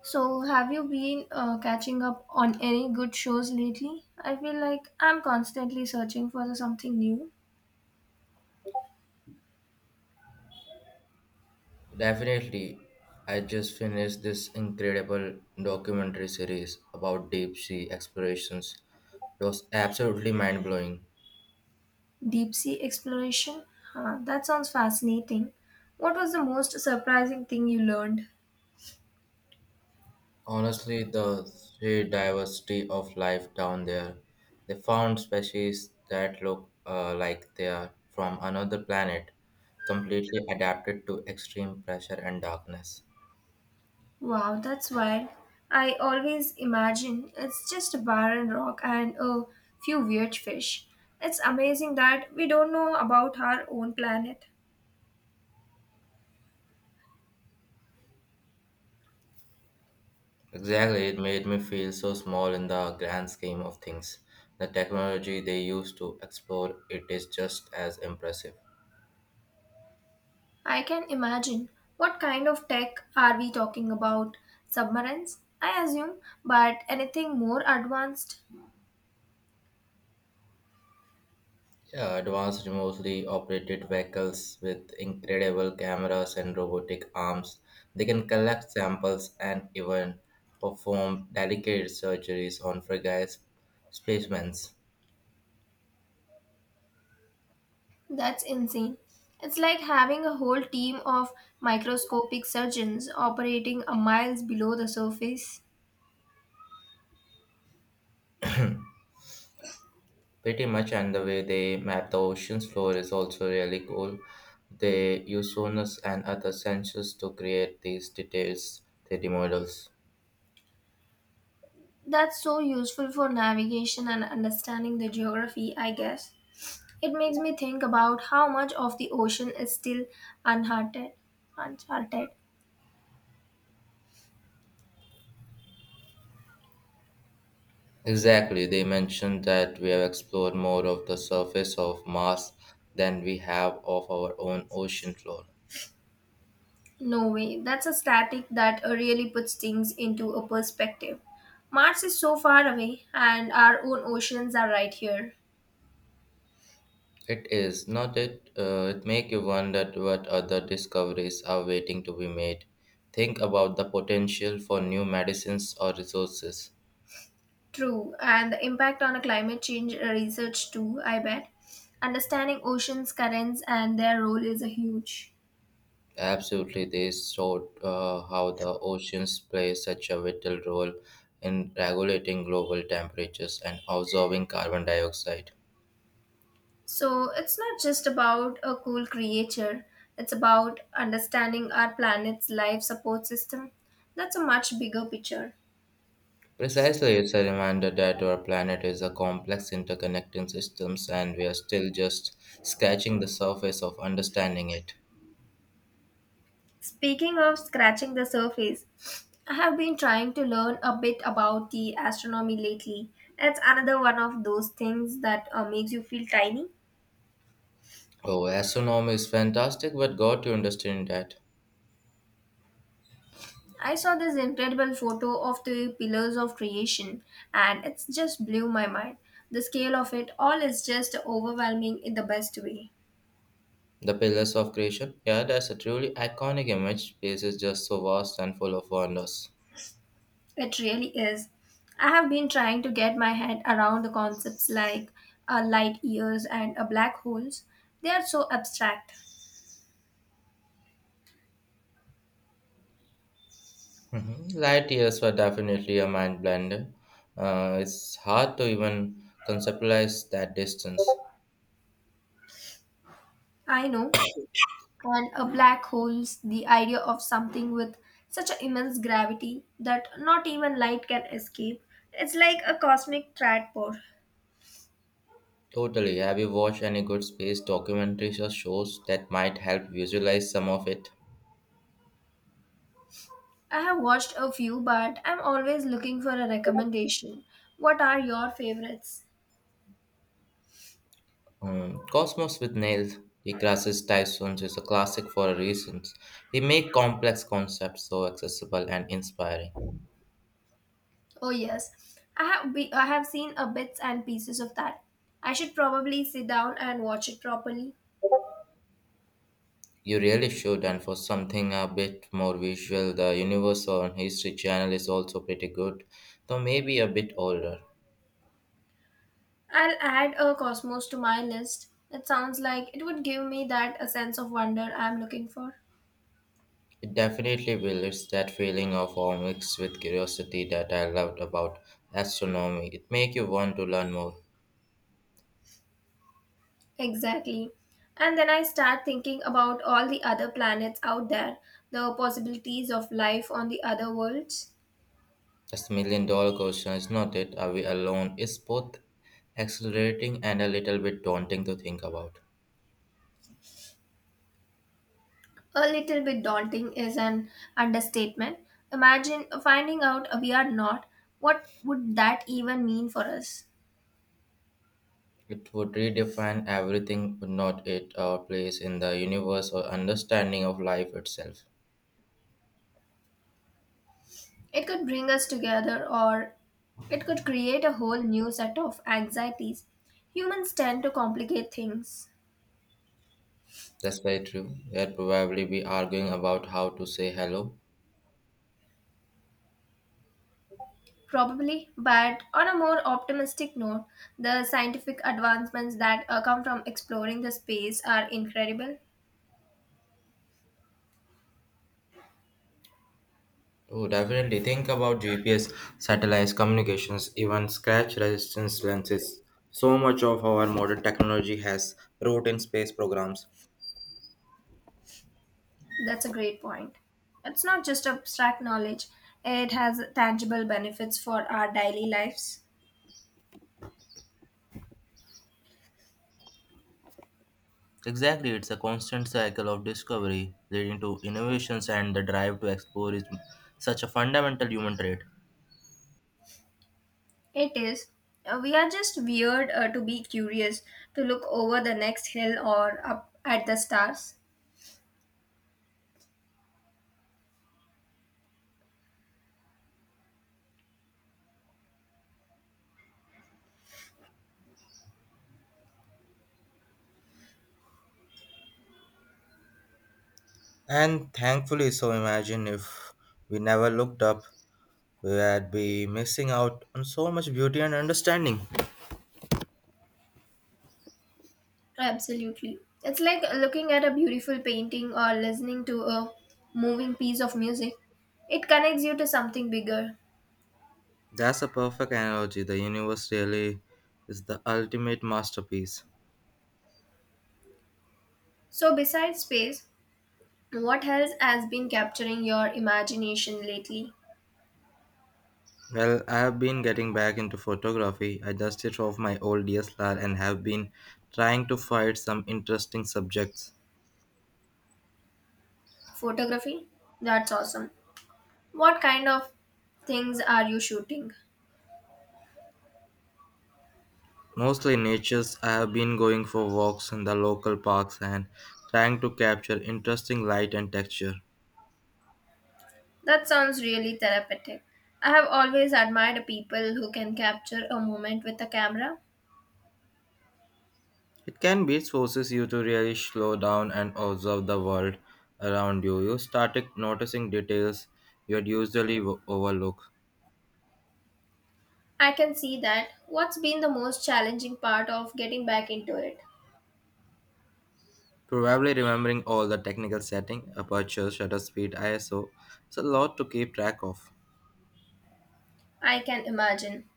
So, have you been catching up on any good shows lately? I feel like I'm constantly searching for something new. Definitely, I just finished this incredible documentary series about deep sea explorations. It was absolutely mind blowing. Deep sea exploration? Huh, that sounds fascinating. What was the most surprising thing you learned? Honestly, the sheer diversity of life down there. They found species that look like they are from another planet, completely adapted to extreme pressure and darkness. Wow, that's wild. I always imagine it's just a barren rock and a few weird fish. It's amazing that we don't know about our own planet. Exactly, it made me feel so small in the grand scheme of things. The technology they use to explore it is just as impressive. I can imagine. What kind of tech are we talking about? Submarines, I assume, but anything more advanced? Yeah, advanced remotely operated vehicles with incredible cameras and robotic arms. They can collect samples and even perform delicate surgeries on specimens. That's insane. It's like having a whole team of microscopic surgeons operating a miles below the surface. Pretty much, and the way they map the ocean's floor is also really cool. They use sonars and other sensors to create these details 3D models. That's so useful for navigation and understanding the geography, I guess. It makes me think about how much of the ocean is still uncharted. Uncharted. Exactly, they mentioned that we have explored more of the surface of Mars than we have of our own ocean floor. No way. That's a static that really puts things into a perspective. Mars is so far away, and our own oceans are right here. It is not it. It make you wonder what other discoveries are waiting to be made. Think about the potential for new medicines or resources. True, and the impact on a climate change research too, I bet. Understanding oceans currents and their role is a huge. Absolutely, they showed how the oceans play such a vital role in regulating global temperatures and absorbing carbon dioxide. So it's not just about a cool creature, it's about understanding our planet's life support system. That's a much bigger picture. Precisely, it's a reminder that our planet is a complex interconnecting systems and we are still just scratching the surface of understanding it. Speaking of scratching the surface, I have been trying to learn a bit about the astronomy lately. It's another one of those things that makes you feel tiny. Oh, astronomy is fantastic, but got to understand that. I saw this incredible photo of the pillars of creation and it just blew my mind. The scale of it all is just overwhelming in the best way. The pillars of creation? Yeah, that's a truly iconic image. Space is just so vast and full of wonders. It really is. I have been trying to get my head around the concepts like light years and black holes. They are so abstract. Mhm. Light years were definitely a mind blender. It's hard to even conceptualize that distance. I know, and a black hole's the idea of something with such an immense gravity that not even light can escape. It's like a cosmic tadpole. Totally. Have you watched any good space documentaries or shows that might help visualize some of it? I have watched a few, but I'm always looking for a recommendation. What are your favorites? Cosmos with Neil deGrasse Tyson is a classic for a reason. He make complex concepts so accessible and inspiring. Oh yes, I have seen a bits and pieces of that. I should probably sit down and watch it properly. You really should, and for something a bit more visual, the Universe on History channel is also pretty good, though maybe a bit older. I'll add a cosmos to my list. It sounds like it would give me that a sense of wonder I'm looking for. It definitely will. It's that feeling of awe mixed with curiosity that I loved about astronomy. It makes you want to learn more. Exactly. And then I start thinking about all the other planets out there, the possibilities of life on the other worlds. That's the million dollar question, is not it? Are we alone? It's both exhilarating and a little bit daunting to think about. A little bit daunting is an understatement. Imagine finding out we are not. What would that even mean for us? It would redefine everything, would not it, our place in the universe or understanding of life itself. It could bring us together or it could create a whole new set of anxieties. Humans tend to complicate things. That's very true. We'd probably be arguing about how to say hello. Probably, but on a more optimistic note, the scientific advancements that come from exploring the space are incredible. Oh, definitely think about GPS, satellites, communications, even scratch resistance lenses. So much of our modern technology has root in space programs. That's a great point. It's not just abstract knowledge, it has tangible benefits for our daily lives. Exactly, it's a constant cycle of discovery leading to innovations and the drive to explore is such a fundamental human trait. It is. We are just weird to be curious, to look over the next hill or up at the stars. And thankfully, so imagine if we never looked up, we would be missing out on so much beauty and understanding. Absolutely. It's like looking at a beautiful painting or listening to a moving piece of music. It connects you to something bigger. That's a perfect analogy. The universe really is the ultimate masterpiece. So, besides space, what else has been capturing your imagination lately? Well, I have been getting back into photography. I dusted off my old DSLR and have been trying to find some interesting subjects. Photography? That's awesome. What kind of things are you shooting? Mostly natures, I have been going for walks in the local parks and trying to capture interesting light and texture. That sounds really therapeutic. I have always admired people who can capture a moment with a camera. It can be it forces you to really slow down and observe the world around you. You started noticing details overlook. I can see that. What's been the most challenging part of getting back into it? Probably remembering all the technical setting, aperture, shutter speed, ISO, it's a lot to keep track of. I can imagine.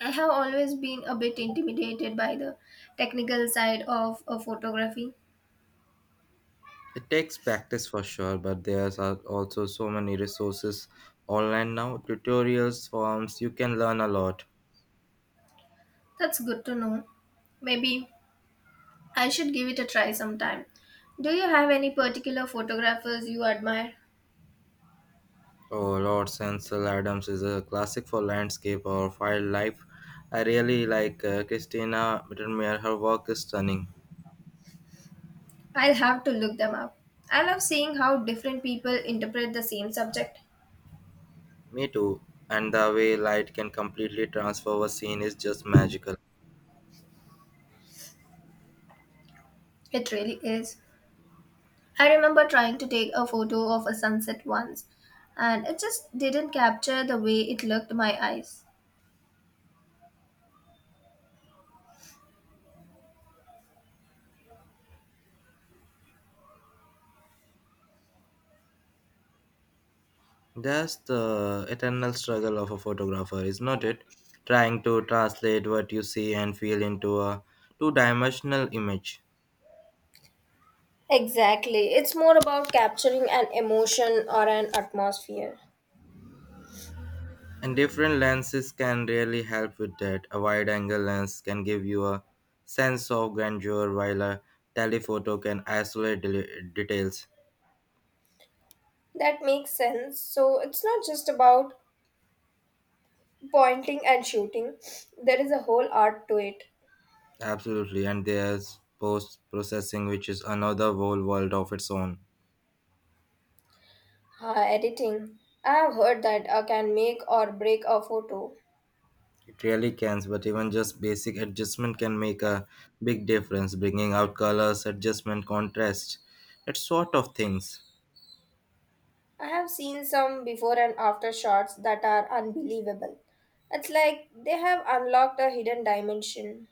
I have always been a bit intimidated by the technical side of a photography. It takes practice for sure, but there are also so many resources online now, tutorials, forms, you can learn a lot. That's good to know. Maybe I should give it a try sometime. Do you have any particular photographers you admire? Oh Lord Ansel Adams is a classic for landscape or wildlife. I really like Christina Mittermeier, her work is stunning. I'll have to look them up. I love seeing how different people interpret the same subject. Me too, and the way light can completely transform a scene is just magical. It really is. I remember trying to take a photo of a sunset once, and it just didn't capture the way it looked my eyes. That's the eternal struggle of a photographer, is not it? Trying to translate what you see and feel into a two dimensional image. Exactly. It's more about capturing an emotion or an atmosphere. And different lenses can really help with that. A wide angle lens can give you a sense of grandeur, while a telephoto can isolate del- details. That makes sense. So it's not just about pointing and shooting, there is a whole art to it. Absolutely, and there's post processing, which is another whole world of its own. Editing. I have heard that I can make or break a photo. It really can, but even just basic adjustment can make a big difference, bringing out colors, adjustment, contrast, that sort of things. I have seen some before and after shots that are unbelievable. It's like they have unlocked a hidden dimension.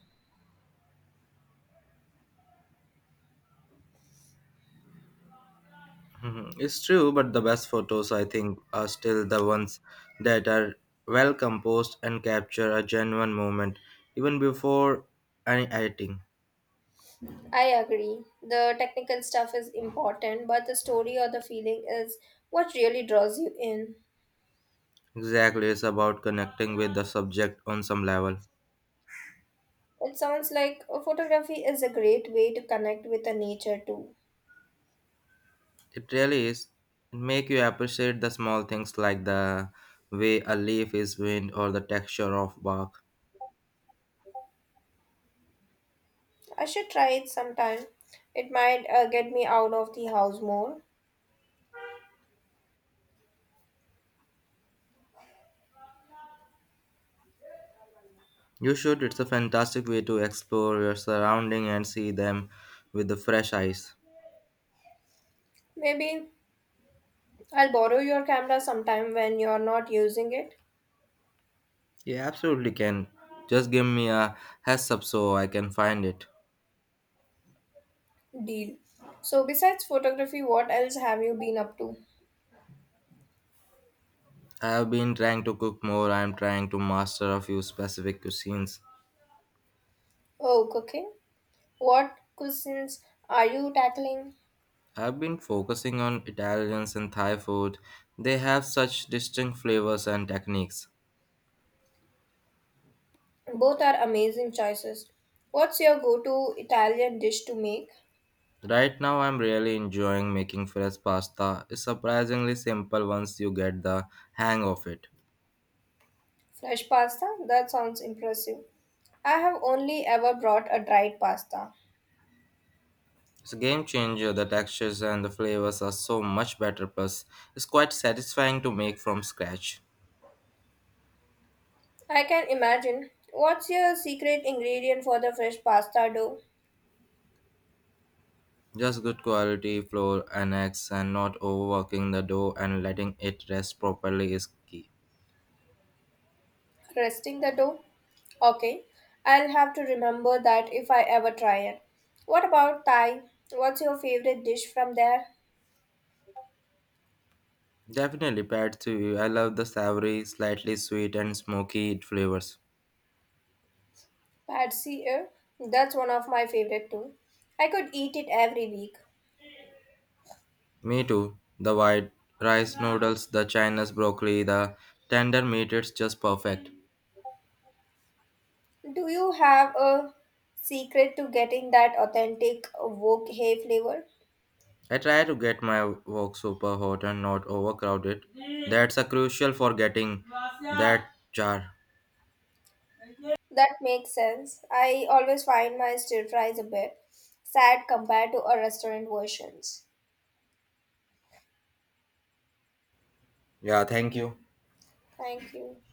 Mhm. It's true, but the best photos, I think, are still the ones that are well composed and capture a genuine moment, even before any editing. I agree. The technical stuff is important, but the story or the feeling is what really draws you in. Exactly, it's about connecting with the subject on some level. It sounds like photography is a great way to connect with the nature too. It really is. It make you appreciate the small things like the way a leaf is wind or the texture of bark. I should try it sometime. It might get me out of the house more. You should, it's a fantastic way to explore your surrounding and see them with the fresh eyes. Maybe I'll borrow your camera sometime when you're not using it. You absolutely can. Just give me a heads up so I can find it. Deal. So, besides photography, what else have you been up to? I have been trying to cook more, I am trying to master a few specific cuisines. Oh, cooking. What cuisines are you tackling? I have been focusing on Italians and Thai food. They have such distinct flavors and techniques. Both are amazing choices. What's your go to Italian dish to make? Right now, I'm really enjoying making fresh pasta. It's surprisingly simple once you get the hang of it. Fresh pasta? That sounds impressive. I have only ever brought a dried pasta. It's a game changer. The textures and the flavors are so much better. Plus, it's quite satisfying to make from scratch. I can imagine. What's your secret ingredient for the fresh pasta dough? Just good quality flour and eggs, and not overworking the dough and letting it rest properly is key. Resting the dough? Okay. I'll have to remember that if I ever try it. What about Thai? What's your favorite dish from there? Definitely paired to you. I love the savory, slightly sweet and smoky flavors. Pad see ew. That's one of my favorite too. I could eat it every week. Me too. The white rice noodles, the China's broccoli, the tender meat. It's just perfect. Do you have a secret to getting that authentic wok hay flavor? I try to get my work super hot and not overcrowded. That's a crucial for getting that jar. That makes sense. I always find my stir fries a bit sad compared to a restaurant versions. Yeah, thank you. Thank you.